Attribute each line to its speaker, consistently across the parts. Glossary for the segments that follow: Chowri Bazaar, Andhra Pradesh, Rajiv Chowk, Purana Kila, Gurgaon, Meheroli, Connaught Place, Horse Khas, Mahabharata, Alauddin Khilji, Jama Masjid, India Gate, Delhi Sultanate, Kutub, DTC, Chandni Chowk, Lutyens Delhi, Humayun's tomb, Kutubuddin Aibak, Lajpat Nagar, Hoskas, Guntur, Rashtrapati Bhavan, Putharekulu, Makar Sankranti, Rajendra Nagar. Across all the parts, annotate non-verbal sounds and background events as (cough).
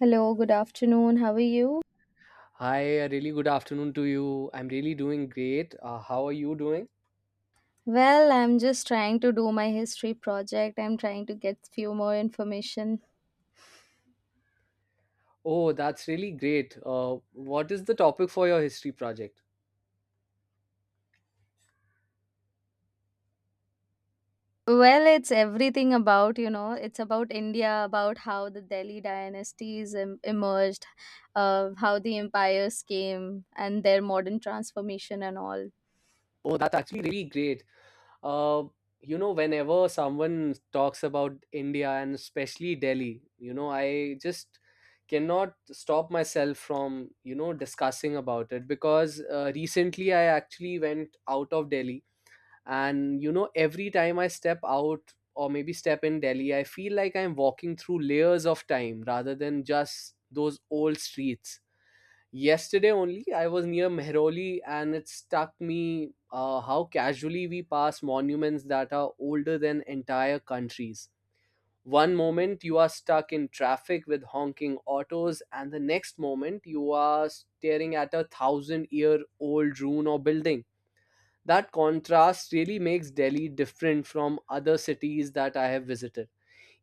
Speaker 1: Hello, good afternoon. How are you?
Speaker 2: Hi, a really good afternoon to you. I'm really doing great. How are you doing?
Speaker 1: Well, I'm just trying to do my history project. I'm trying to get few more information.
Speaker 2: Oh, that's really great. What is the topic for your history project?
Speaker 1: Well, it's everything about, it's about India, about how the Delhi dynasties emerged, how the empires came and their modern transformation and all.
Speaker 2: Oh, that's actually really great. Uh, whenever someone talks about India and especially Delhi, you know, I just cannot stop myself from discussing about it because recently I actually went out of Delhi, and every time I step out or maybe step in Delhi, I feel like I'm walking through layers of time rather than just those old streets. Yesterday only I was near Mehroli, and it struck me how casually we pass monuments that are older than entire countries. One moment you are stuck in traffic with honking autos, and the next moment you are staring at a thousand year old ruin or building. That contrast really makes Delhi different from other cities that I have visited.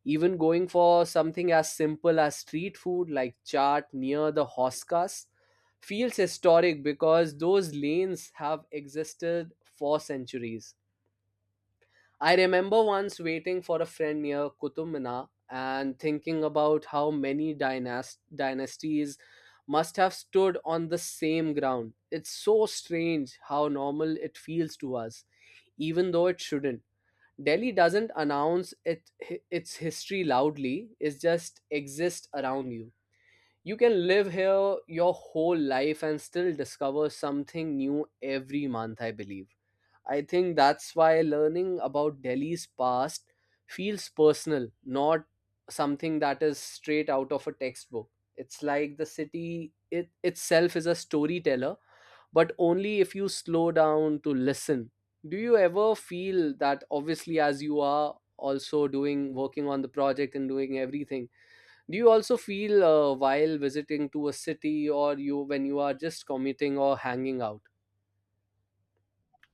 Speaker 2: Even going for something as simple as street food like chaat near the Hoskas feels historic because those lanes have existed for centuries. I remember once waiting for a friend near Qutub Minar and thinking about how many dynasties must have stood on the same ground. It's so strange how normal it feels to us even though it shouldn't. Delhi doesn't announce its history loudly, it just exists around you. You can live here your whole life and still discover something new every month, I believe. I think that's why learning about Delhi's past feels personal, not something that is straight out of a textbook. It's like the city it itself is a storyteller, but only if you slow down to listen. Do you ever feel that, obviously, as you are also doing, working on the project and doing everything, do you also feel, while visiting to a city, or you, when you are just commuting or hanging out?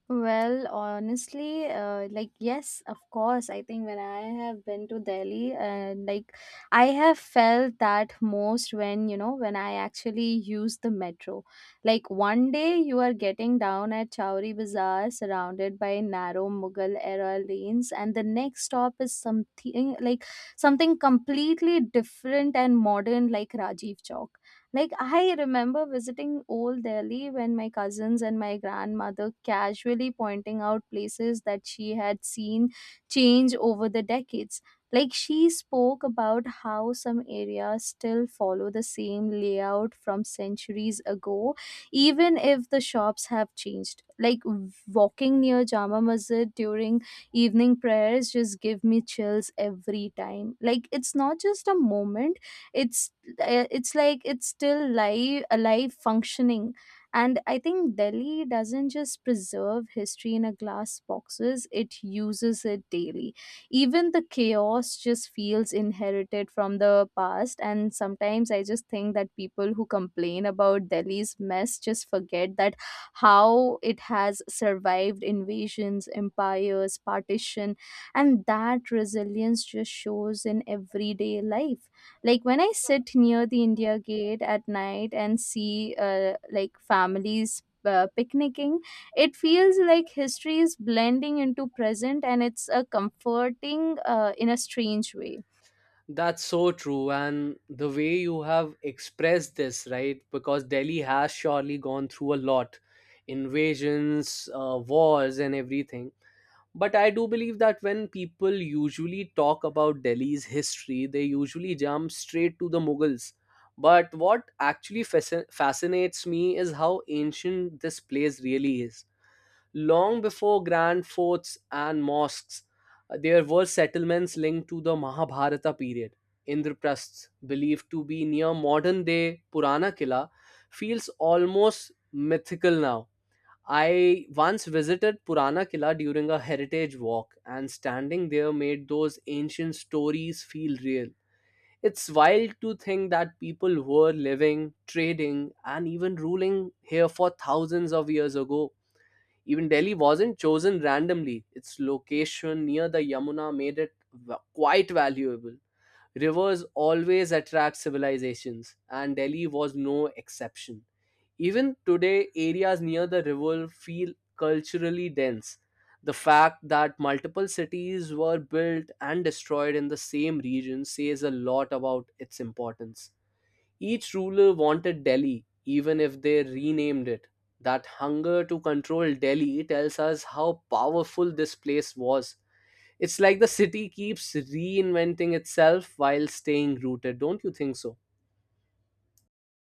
Speaker 1: Well, honestly, like yes, of course. I think when I have been to Delhi, and like I have felt that most when when I actually use the metro. Like one day you are getting down at Chowri Bazaar, surrounded by narrow Mughal era lanes, and the next stop is something like something completely different and modern, like Rajiv Chowk. Like, I remember visiting Old Delhi when my cousins and my grandmother casually pointing out places that she had seen change over the decades. Like, she spoke about how some areas still follow the same layout from centuries ago, even if the shops have changed. Like, walking near Jama Masjid during evening prayers just give me chills every time. Like, it's not just a moment, it's it's like it's still live alive functioning. And I think Delhi doesn't just preserve history in a glass boxes, it uses it daily. Even the chaos just feels inherited from the past, and sometimes I just think that people who complain about Delhi's mess just forget that how it has survived invasions, empires, partition, and that resilience just shows in everyday life. Like when I sit near the India Gate at night and see like families picnicking, it feels like history is blending into present, and it's a comforting in a strange way.
Speaker 2: That's so true. And the way you have expressed this, right? Because Delhi has surely gone through a lot, invasions, wars, and everything. But I do believe that when people usually talk about Delhi's history, they usually jump straight to the Mughals, but what actually fascinates me is how ancient this place really is. Long before grand forts and mosques, there were settlements linked to the Mahabharata period. Indraprasth, believed to be near modern day Purana Killa, feels almost mythical now. I once visited Purana Kila during a heritage walk, and standing there made those ancient stories feel real. It's wild to think that people were living, trading, and even ruling here for thousands of years ago. Even Delhi wasn't chosen randomly, its location near the Yamuna made it quite valuable. Rivers always attract civilizations, and Delhi was no exception. Even today, areas near the river feel culturally dense. The fact that multiple cities were built and destroyed in the same region says a lot about its importance. Each ruler wanted Delhi, even if they renamed it. That hunger to control Delhi tells us how powerful this place was. It's like the city keeps reinventing itself while staying rooted, don't you think so?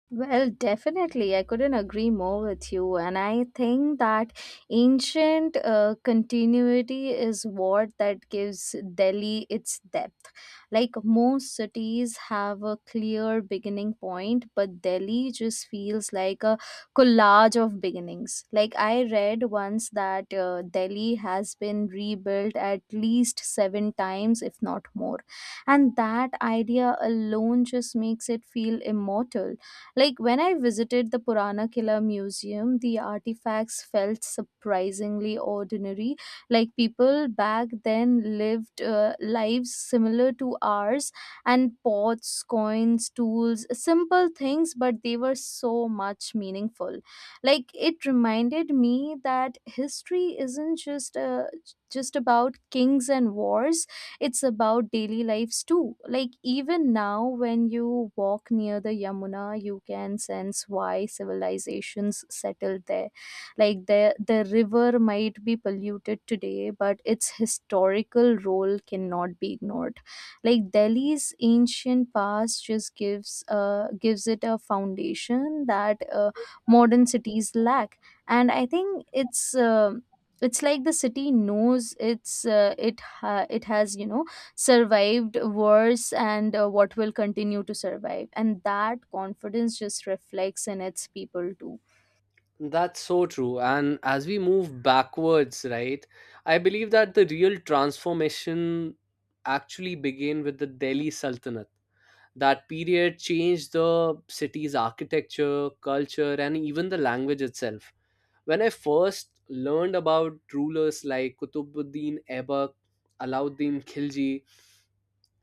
Speaker 1: Well, definitely. I couldn't agree more with you. And I think that ancient continuity is what that gives Delhi its depth. Like most cities have a clear beginning point, but Delhi just feels like a collage of beginnings. Like I read once that Delhi has been rebuilt at least seven times, if not more. And that idea alone just makes it feel immortal. Like when I visited the Purana Kila Museum, the artifacts felt surprisingly ordinary. Like people back then lived lives similar to ours, and pots, coins, tools, simple things, but they were so much meaningful. Like it reminded me that history isn't just about kings and wars, it's about daily lives too. Like even now when you walk near the Yamuna, you can sense why civilizations settled there. Like the river might be polluted today, but its historical role cannot be ignored. Like Delhi's ancient past just gives gives it a foundation that modern cities lack. And I think it's like the city knows it has survived wars and what will continue to survive, and that confidence just reflects in its people too.
Speaker 2: That's so true. And as we move backwards, right, I believe that the real transformation actually began with the Delhi Sultanate. That period changed the city's architecture, culture, and even the language itself. When I first learned about rulers like Kutubuddin Aibak, Alauddin Khilji,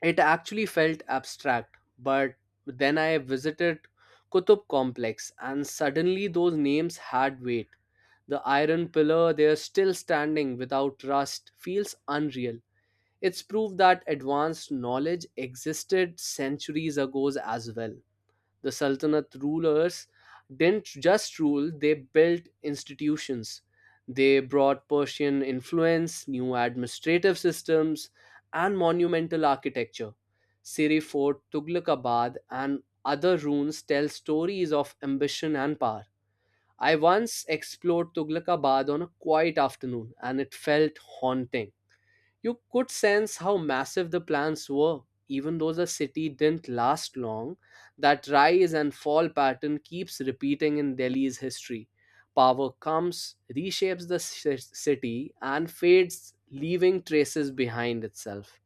Speaker 2: it actually felt abstract. But then I visited Kutub complex, and suddenly those names had weight. The iron pillar there, still standing without rust, feels unreal. It's proof that advanced knowledge existed centuries ago as well. The Sultanate rulers didn't just rule, they built institutions. They brought Persian influence, new administrative systems, and monumental architecture. Siri Fort, Tughlaqabad, and other ruins tell stories of ambition and power. I once explored Tughlakabad on a quiet afternoon, and it felt haunting. You could sense how massive the plans were, even though the city didn't last long. That rise and fall pattern keeps repeating in Delhi's history. Power comes, reshapes the city, and fades, leaving traces behind itself.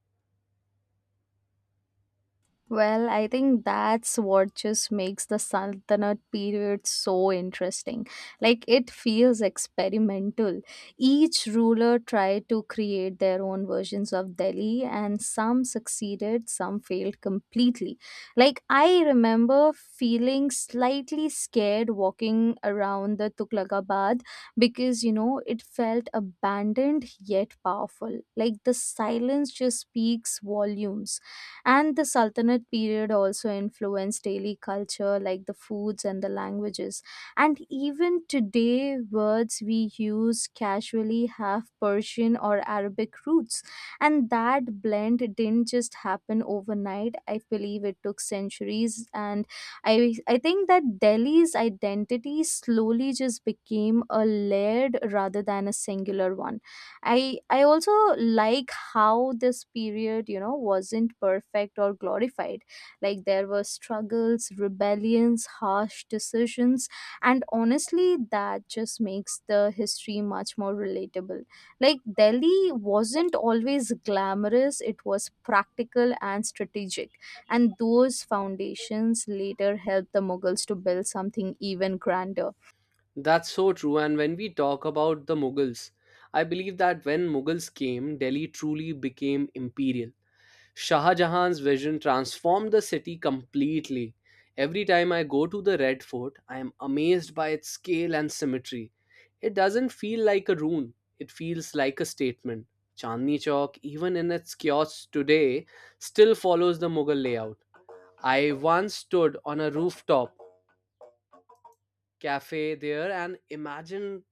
Speaker 1: Well, I think that's what just makes the Sultanate period so interesting. Like, it feels experimental. Each ruler tried to create their own versions of Delhi, and some succeeded, some failed completely. Like, I remember feeling slightly scared walking around the Tughlaqabad because, you know, it felt abandoned yet powerful. Like, the silence just speaks volumes. And the Sultanate period also influenced daily culture, like the foods and the languages. And even today, words we use casually have Persian or Arabic roots. And that blend didn't just happen overnight. I believe it took centuries. And I think that Delhi's identity slowly just became a layered rather than a singular one. I also like how this period, you know, wasn't perfect or glorified. Like there were struggles, rebellions, harsh decisions, and honestly that just makes the history much more relatable. Like Delhi wasn't always glamorous, it was practical and strategic, and those foundations later helped the Mughals to build something even grander.
Speaker 2: That's so true, and when we talk about the Mughals, I believe that when Mughals came, Delhi truly became imperial. Shah Jahan's vision transformed the city completely. Every time I go to the Red Fort, I am amazed by its scale and symmetry. It doesn't feel like a ruin, it feels like a statement. Chandni Chowk, even in its kiosks today, still follows the Mughal layout. I once stood on a rooftop cafe there and imagined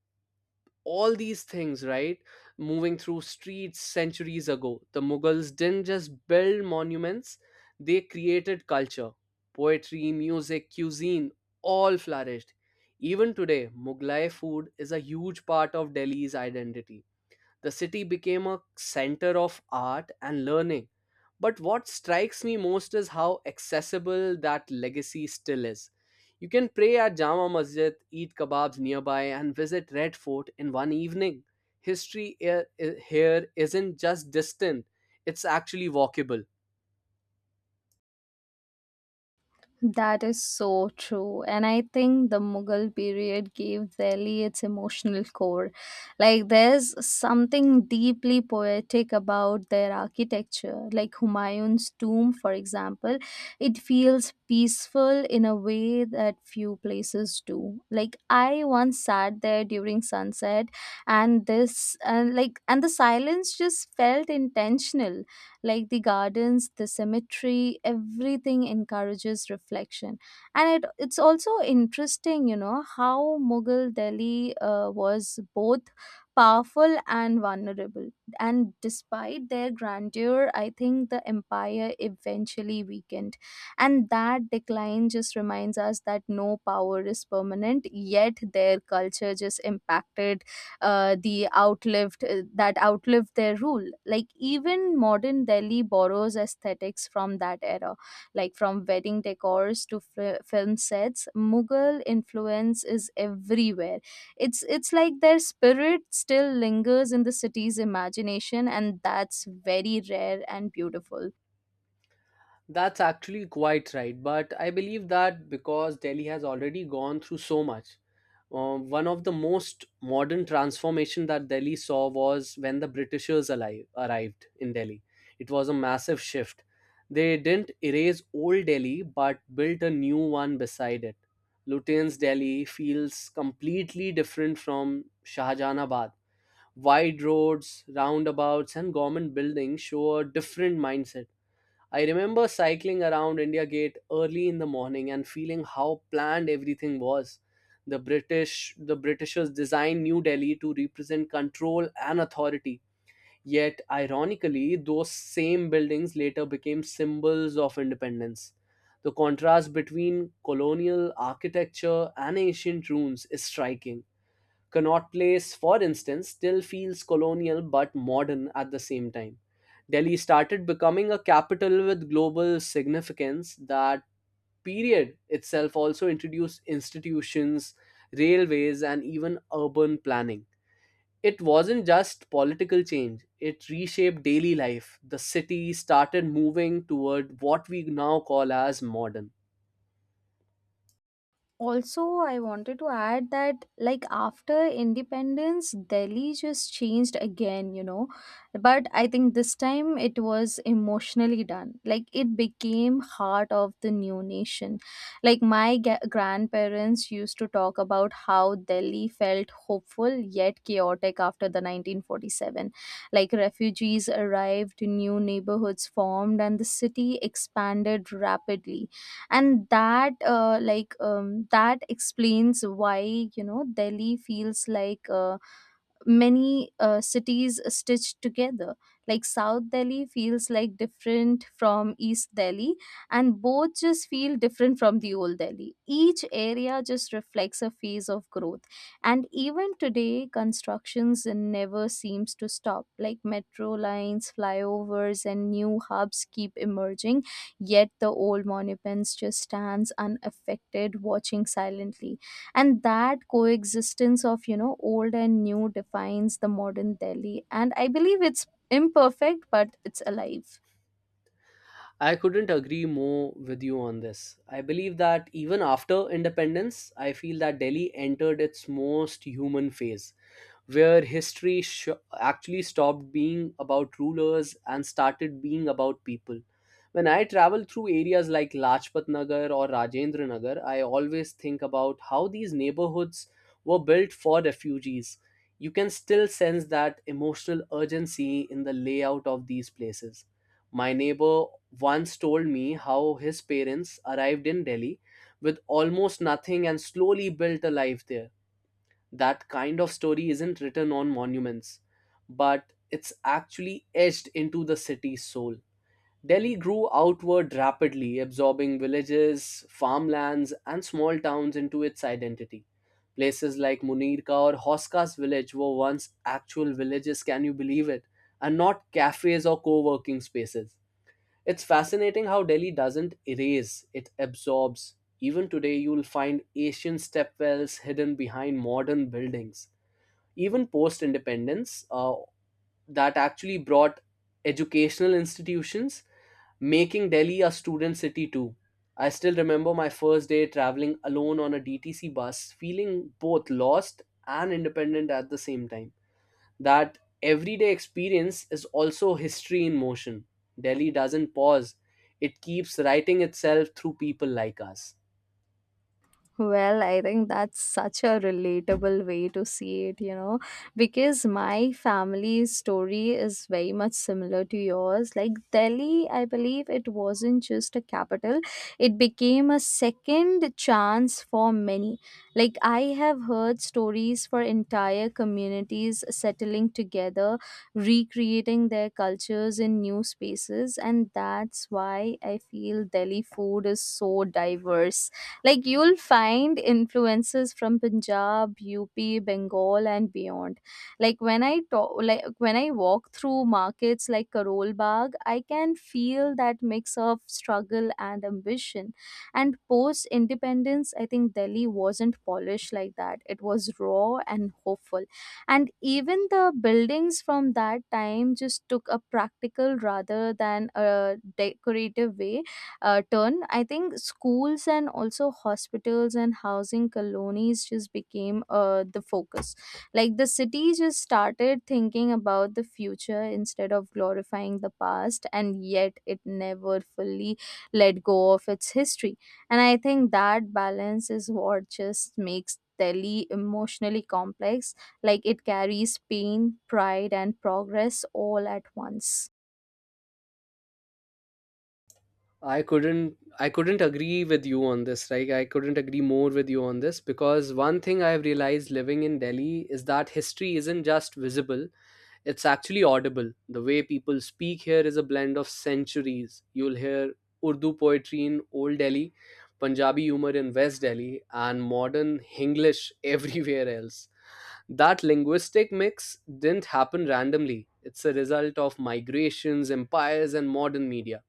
Speaker 2: all these things, right? Moving through streets centuries ago, the Mughals didn't just build monuments, they created culture. Poetry, music, cuisine, all flourished. Even today, Mughlai food is a huge part of Delhi's identity. The city became a center of art and learning. But what strikes me most is how accessible that legacy still is. You can pray at Jama Masjid, eat kebabs nearby, and visit Red Fort in one evening. History here isn't just distant, it's actually walkable.
Speaker 1: That is so true. And I think the Mughal period gave Delhi its emotional core. Like, there's something deeply poetic about their architecture. Like, Humayun's tomb, for example, it feels peaceful in a way that few places do. Like, I once sat there during sunset, and the silence just felt intentional. Like the gardens, the cemetery, everything encourages reflection. And it's also interesting, you know, how Mughal Delhi was both powerful and vulnerable. And despite their grandeur, I think the empire eventually weakened. And that decline just reminds us that no power is permanent, yet their culture just impacted the outlived that outlived their rule. Like even modern Delhi borrows aesthetics from that era, like from wedding decors to film sets. Mughal influence is everywhere. It's like their spirit still lingers in the city's imagination, and that's very rare and beautiful.
Speaker 2: That's actually quite right, but I believe that because Delhi has already gone through so much. One of the most modern transformation that Delhi saw was when the Britishers arrived in Delhi. It was a massive shift. They didn't erase old Delhi but built a new one beside it. Lutyens Delhi feels completely different from Shahjahanabad. Wide roads, roundabouts, and government buildings show a different mindset. I remember cycling around India Gate early in the morning and feeling how planned everything was. The Britishers designed New Delhi to represent control and authority. Yet, ironically, those same buildings later became symbols of independence. The contrast between colonial architecture and ancient ruins is striking. Connaught Place, for instance, still feels colonial but modern at the same time. Delhi started becoming a capital with global significance. That period itself also introduced institutions, railways, and even urban planning. It wasn't just political change, it reshaped daily life. The city started moving toward what we now call as modern.
Speaker 1: Also, I wanted to add that, like, after independence Delhi just changed again, you know. But I think this time it was emotionally done. Like it became heart of the new nation. Like my grandparents used to talk about how Delhi felt hopeful yet chaotic after the 1947. Like refugees arrived, new neighborhoods formed, and the city expanded rapidly. And that explains why, you know, Delhi feels like many cities stitched together. Like South Delhi feels like different from East Delhi, and both just feel different from the old Delhi. Each area just reflects a phase of growth. And even today constructions never seems to stop, like metro lines, flyovers, and new hubs keep emerging, yet the old monuments just stands unaffected, watching silently. And that coexistence of, you know, old and new defines the modern Delhi, and I believe it's imperfect but it's alive.
Speaker 2: I couldn't agree more with you on this. I believe that even after independence, I feel that Delhi entered its most human phase where history actually stopped being about rulers and started being about people. When I travel through areas like Lajpat Nagar or Rajendra Nagar, I always think about how these neighborhoods were built for refugees. You can still sense that emotional urgency in the layout of these places. My neighbor once told me how his parents arrived in Delhi with almost nothing and slowly built a life there. That kind of story isn't written on monuments, but it's actually etched into the city's soul. Delhi grew outward rapidly, absorbing villages, farmlands, and small towns into its identity. Places like Munirka or Hoska's village were once actual villages, can you believe it? And not cafes or co working spaces. It's fascinating how Delhi doesn't erase, it absorbs. Even today, you'll find ancient stepwells hidden behind modern buildings. Even post independence, that actually brought educational institutions, making Delhi a student city too. I still remember my first day traveling alone on a DTC bus, feeling both lost and independent at the same time. That everyday experience is also history in motion. Delhi doesn't pause, it keeps writing itself through people like us.
Speaker 1: Well, I think that's such a relatable way to see it, you know, because my family's story is very much similar to yours. Like Delhi, I believe it wasn't just a capital, it became a second chance for many. Like, I have heard stories for entire communities settling together, recreating their cultures in new spaces, and that's why I feel Delhi food is so diverse. Like you'll find influences from Punjab, UP, Bengal, and beyond. Like when I walk through markets like Karol Bagh, I can feel that mix of struggle and ambition. And post independence, I think Delhi wasn't polished like that. It was raw and hopeful. And even the buildings from that time just took a practical rather than a decorative way turn. I think schools and also hospitals and housing colonies just became the focus. Like the city just started thinking about the future instead of glorifying the past, and yet it never fully let go of its history. And I think that balance is what just makes Delhi emotionally complex. Like it carries pain, pride, and progress all at once.
Speaker 2: I couldn't agree with you on this. Like, I couldn't agree more with you on this, because one thing I've realized living in Delhi is that history isn't just visible, it's actually audible. The way people speak here is a blend of centuries. You'll hear Urdu poetry in Old Delhi, Punjabi humor in West Delhi, and modern Hinglish (laughs) everywhere else. That linguistic mix didn't happen randomly. It's a result of migrations, empires, and modern media.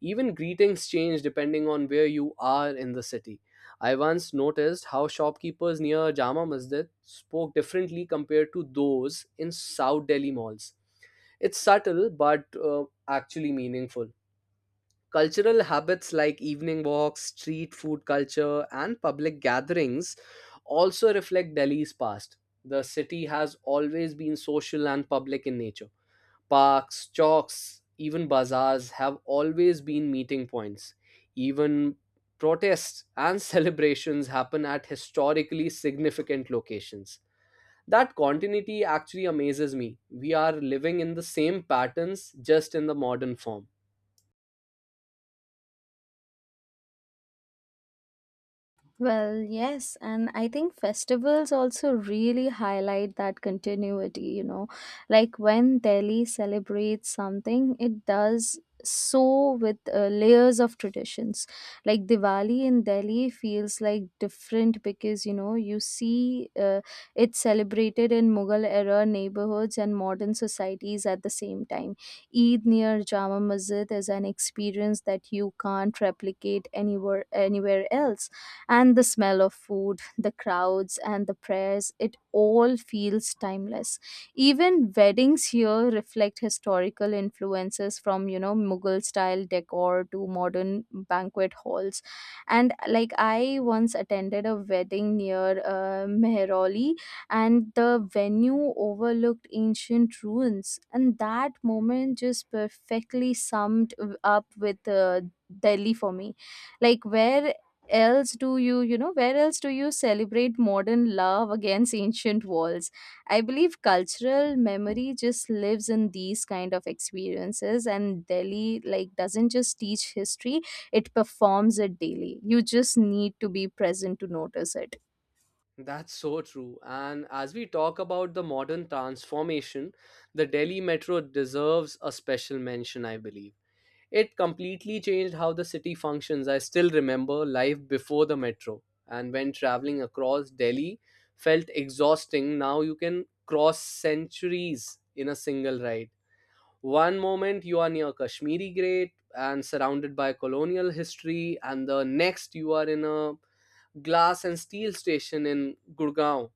Speaker 2: Even greetings change depending on where you are in the city. I once noticed how shopkeepers near Jama Masjid spoke differently compared to those in South Delhi malls. It's subtle but actually meaningful. Cultural habits like evening walks, street food culture, and public gatherings also reflect Delhi's past. The city has always been social and public in nature. Parks, chalks, even bazaars have always been meeting points. Even protests and (laughs) celebrations happen at historically significant locations. That continuity actually amazes me. We are living in the same patterns, just in the modern form.
Speaker 1: Well, yes, and I think festivals also really highlight that continuity, you know. Like when Delhi celebrates something, it does so with layers of traditions. Like Diwali in Delhi feels like different because, you know, you see it's celebrated in Mughal era neighborhoods and modern societies at the same time. Eid near Jama Masjid is an experience that you can't replicate anywhere else, and the smell of food, the crowds, and the prayers, it all feels timeless. Even weddings here reflect historical influences from, you know, Mughal style decor to modern banquet halls. And like I once attended a wedding near Meheroli, and the venue overlooked ancient ruins. And that moment just perfectly summed up with Delhi for me. Like where else do you you know where else do you celebrate modern love against ancient walls. I believe cultural memory just lives in these kind of experiences, and Delhi like doesn't just teach history, it performs it daily. You just need to be present to notice it.
Speaker 2: That's so true. And as we talk about the modern transformation, the Delhi Metro deserves a special mention, I believe. It completely changed how the city functions. I still remember life before the metro, and when traveling across Delhi felt exhausting. Now you can cross centuries in a single ride. One moment you are near Kashmiri Gate and surrounded by colonial history, and the next you are in a glass and steel station in Gurgaon.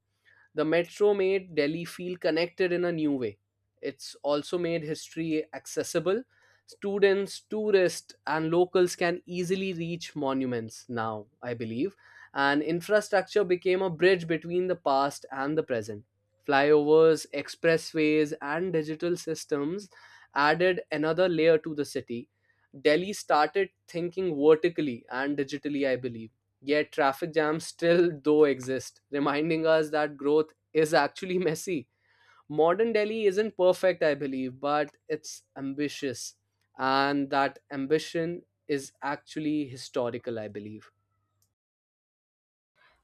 Speaker 2: The metro made Delhi feel connected in a new way. It's also made history accessible. Students, tourists, and locals can easily reach monuments now, I believe. And infrastructure became a bridge between the past and the present. Flyovers, expressways, and digital systems added another layer to the city. Delhi started thinking vertically and digitally, I believe. Yet traffic jams still though exist, reminding us that growth is actually messy. Modern Delhi isn't perfect, I believe, but it's ambitious. And that ambition is actually historical, I believe.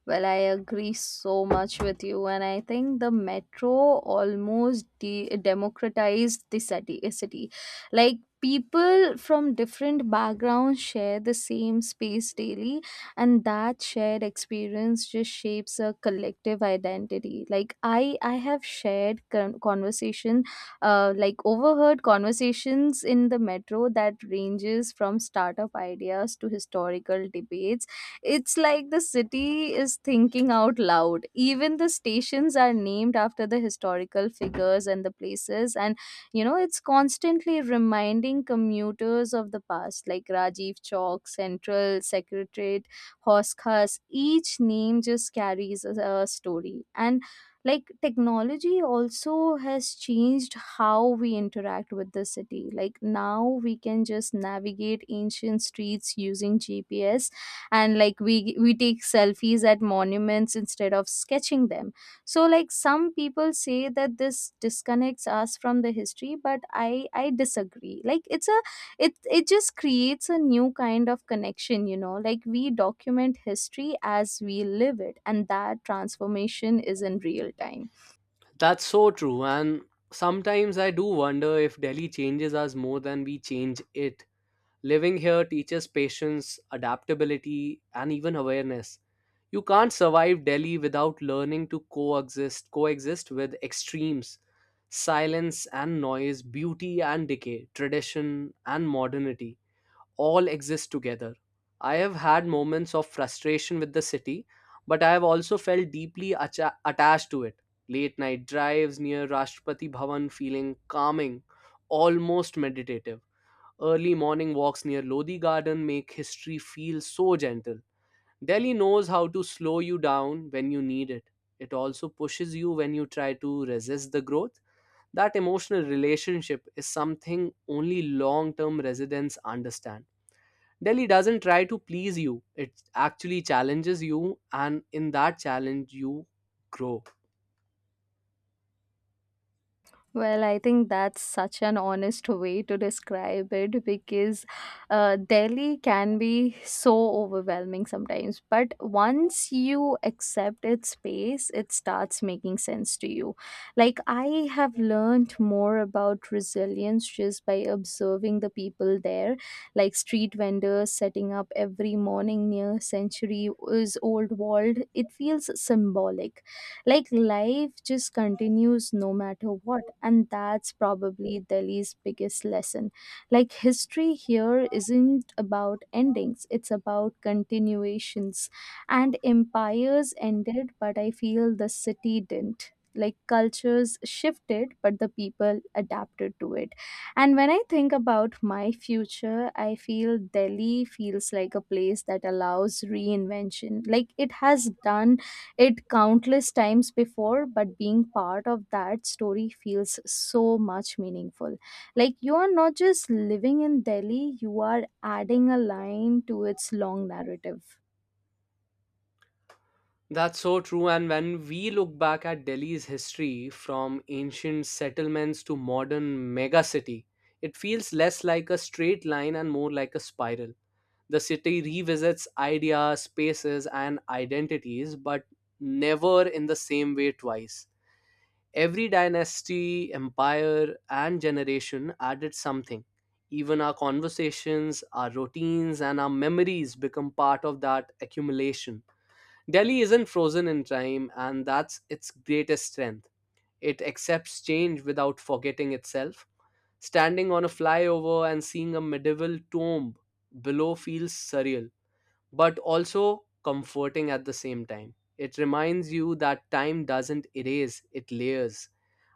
Speaker 1: Well, I agree so much with you, and I think the metro almost democratized the city. Like people from different backgrounds share the same space daily, and that shared experience just shapes a collective identity. Like I have conversation, overheard conversations in the metro that ranges from startup ideas to historical debates. It's like the city is thinking out loud. Even the stations are named after the historical figures and the places. And, you know, it's constantly reminding commuters of the past, like Rajiv Chowk, Central, Secretariat, Horse Khas. Each name just carries a story. And like technology also has changed how we interact with the city, like now we can just navigate ancient streets using GPS, and like we take selfies at monuments instead of sketching them. So like some people say that this disconnects us from the history, but I disagree. Like it's a it it just creates a new kind of connection, you know, like we document history as we live it, and that transformation is in real time.
Speaker 2: That's so true. And sometimes I do wonder if Delhi changes us more than we change it. Living here teaches patience, adaptability, and even awareness. You can't survive Delhi without learning to coexist with extremes, silence and noise, beauty and decay, tradition and modernity, all exist together. I have had moments of frustration with the city, but I have also felt deeply attached to it. Late night drives near Rashtrapati Bhavan feeling calming, almost meditative. Early morning walks near Lodi Garden make history feel so gentle. Delhi knows how to slow you down when you need it. It also pushes you when you try to resist the growth. That emotional relationship is something only long term residents understand. Delhi doesn't try to please you, it actually challenges you, and in that challenge, you grow.
Speaker 1: Well, I think that's such an honest way to describe it because Delhi can be so overwhelming sometimes. But once you accept its pace, it starts making sense to you. Like, I have learned more about resilience just by observing the people there, like street vendors setting up every morning near century is old world. It feels symbolic, like life just continues no matter what, and that's probably Delhi's biggest lesson. Like history here isn't about endings, it's about continuations. And empires ended, but I feel the city didn't. Like cultures shifted, but the people adapted to it. And when I think about my future, I feel Delhi feels like a place that allows reinvention. Like it has done it countless times before, but being part of that story feels so much meaningful. Like you are not just living in Delhi, you are adding a line to its long narrative.
Speaker 2: That's so true. And when we look back at Delhi's history from ancient settlements to modern megacity, it feels less like a straight line and more like a spiral. The city revisits ideas, spaces, and identities, but never in the same way twice. Every dynasty, empire, and generation added something. Even our conversations, our routines, and our memories become part of that accumulation. Delhi isn't frozen in time, and that's its greatest strength. It accepts change without forgetting itself. Standing on a flyover and seeing a medieval tomb below feels surreal, but also comforting at the same time. It reminds you that time doesn't erase, it layers.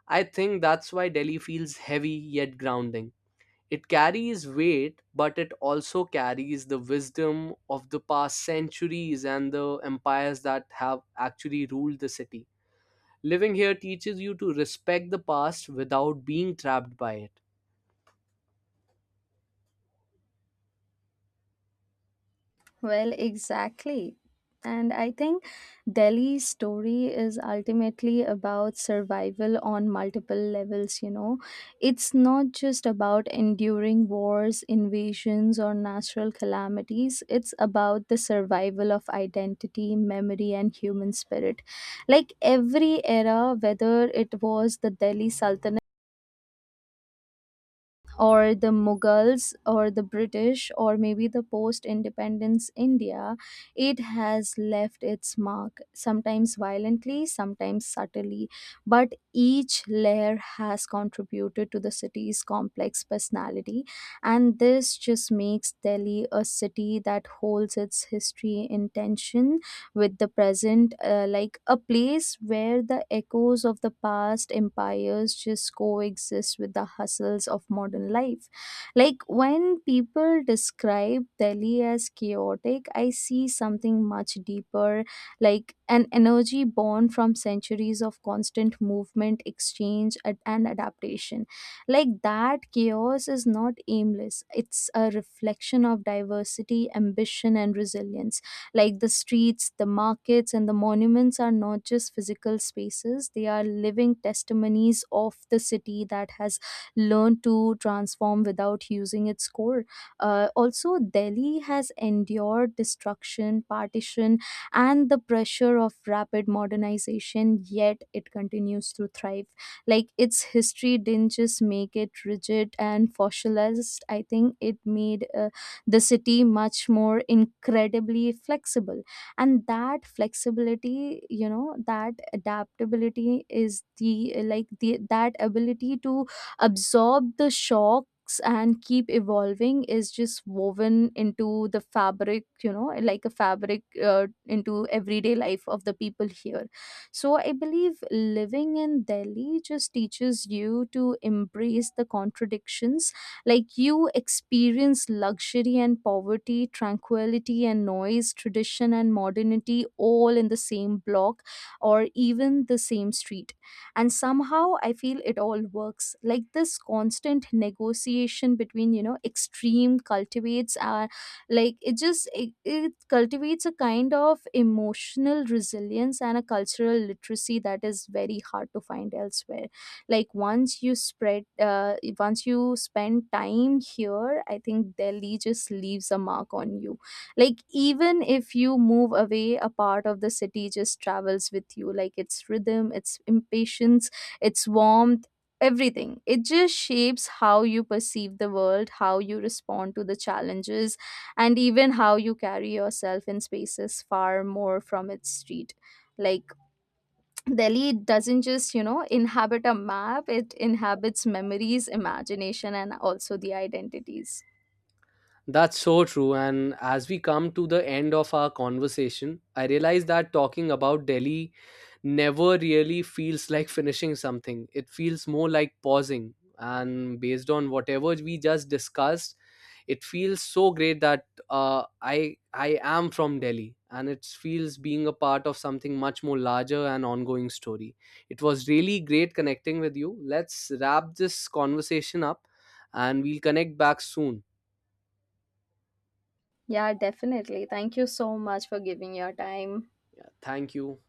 Speaker 2: I think that's why Delhi feels heavy yet grounding. It carries weight, but it also carries the wisdom of the past centuries and the empires that have actually ruled the city. Living here teaches you to respect the past without being trapped by it.
Speaker 1: Well, exactly. And I think Delhi's story is ultimately about survival on multiple levels, you know. It's not just about enduring wars, invasions, or natural calamities. It's about the survival of identity, memory, and human spirit. Like every era, whether it was the Delhi Sultanate or the Mughals or the British or maybe the post independence India, it has left its mark, sometimes violently, sometimes subtly, but each layer has contributed to the city's complex personality. And this just makes Delhi a city that holds its history in tension with the present, like a place where the echoes of the past empires just coexist with the hustles of modern life. Like when people describe Delhi as chaotic, I see something much deeper, like an energy born from centuries of constant movement, exchange, and adaptation. Like that chaos is not aimless, it's a reflection of diversity, ambition, and resilience, like the streets, the markets, and the monuments are not just physical spaces, they are living testimonies of the city that has learned to transform without using its core. Also, Delhi has endured destruction, partition, and the pressure of rapid modernization, yet it continues to thrive. Like its history didn't just make it rigid and fossilized, I think it made the city much more incredibly flexible, and that flexibility, you know, that adaptability is the like the that ability to absorb the shocks and keep evolving is just woven into the fabric, you know, like a fabric into everyday life of the people here. So I believe living in Delhi just teaches you to embrace the contradictions, like you experience luxury and poverty, tranquility and noise, tradition and modernity all in the same block or even the same street. And somehow I feel it all works. Like this constant negotiation between, you know, extreme cultivates our it cultivates a kind of emotional resilience and a cultural literacy that is very hard to find elsewhere. Like once you spread once you spend time here, I think Delhi just leaves a mark on you. Like even if you move away, a part of the city just travels with you, like its rhythm, its impatience, its warmth, everything. It just shapes how you perceive the world, how you respond to the challenges, and even how you carry yourself in spaces far more from its street. Like Delhi doesn't just, you know, inhabit a map, it inhabits memories, imagination, and also the identities.
Speaker 2: That's so true. And as we come to the end of our conversation, I realize that talking about Delhi never really feels like finishing something. It feels more like pausing. And based on whatever we just discussed, it feels so great that uh, i I am from Delhi, and it feels being a part of something much more larger and ongoing story. It was really great connecting with you. Let's wrap this conversation up, and we'll connect back soon.
Speaker 1: Yeah, definitely. Thank you so much for giving your time.
Speaker 2: Yeah, thank you.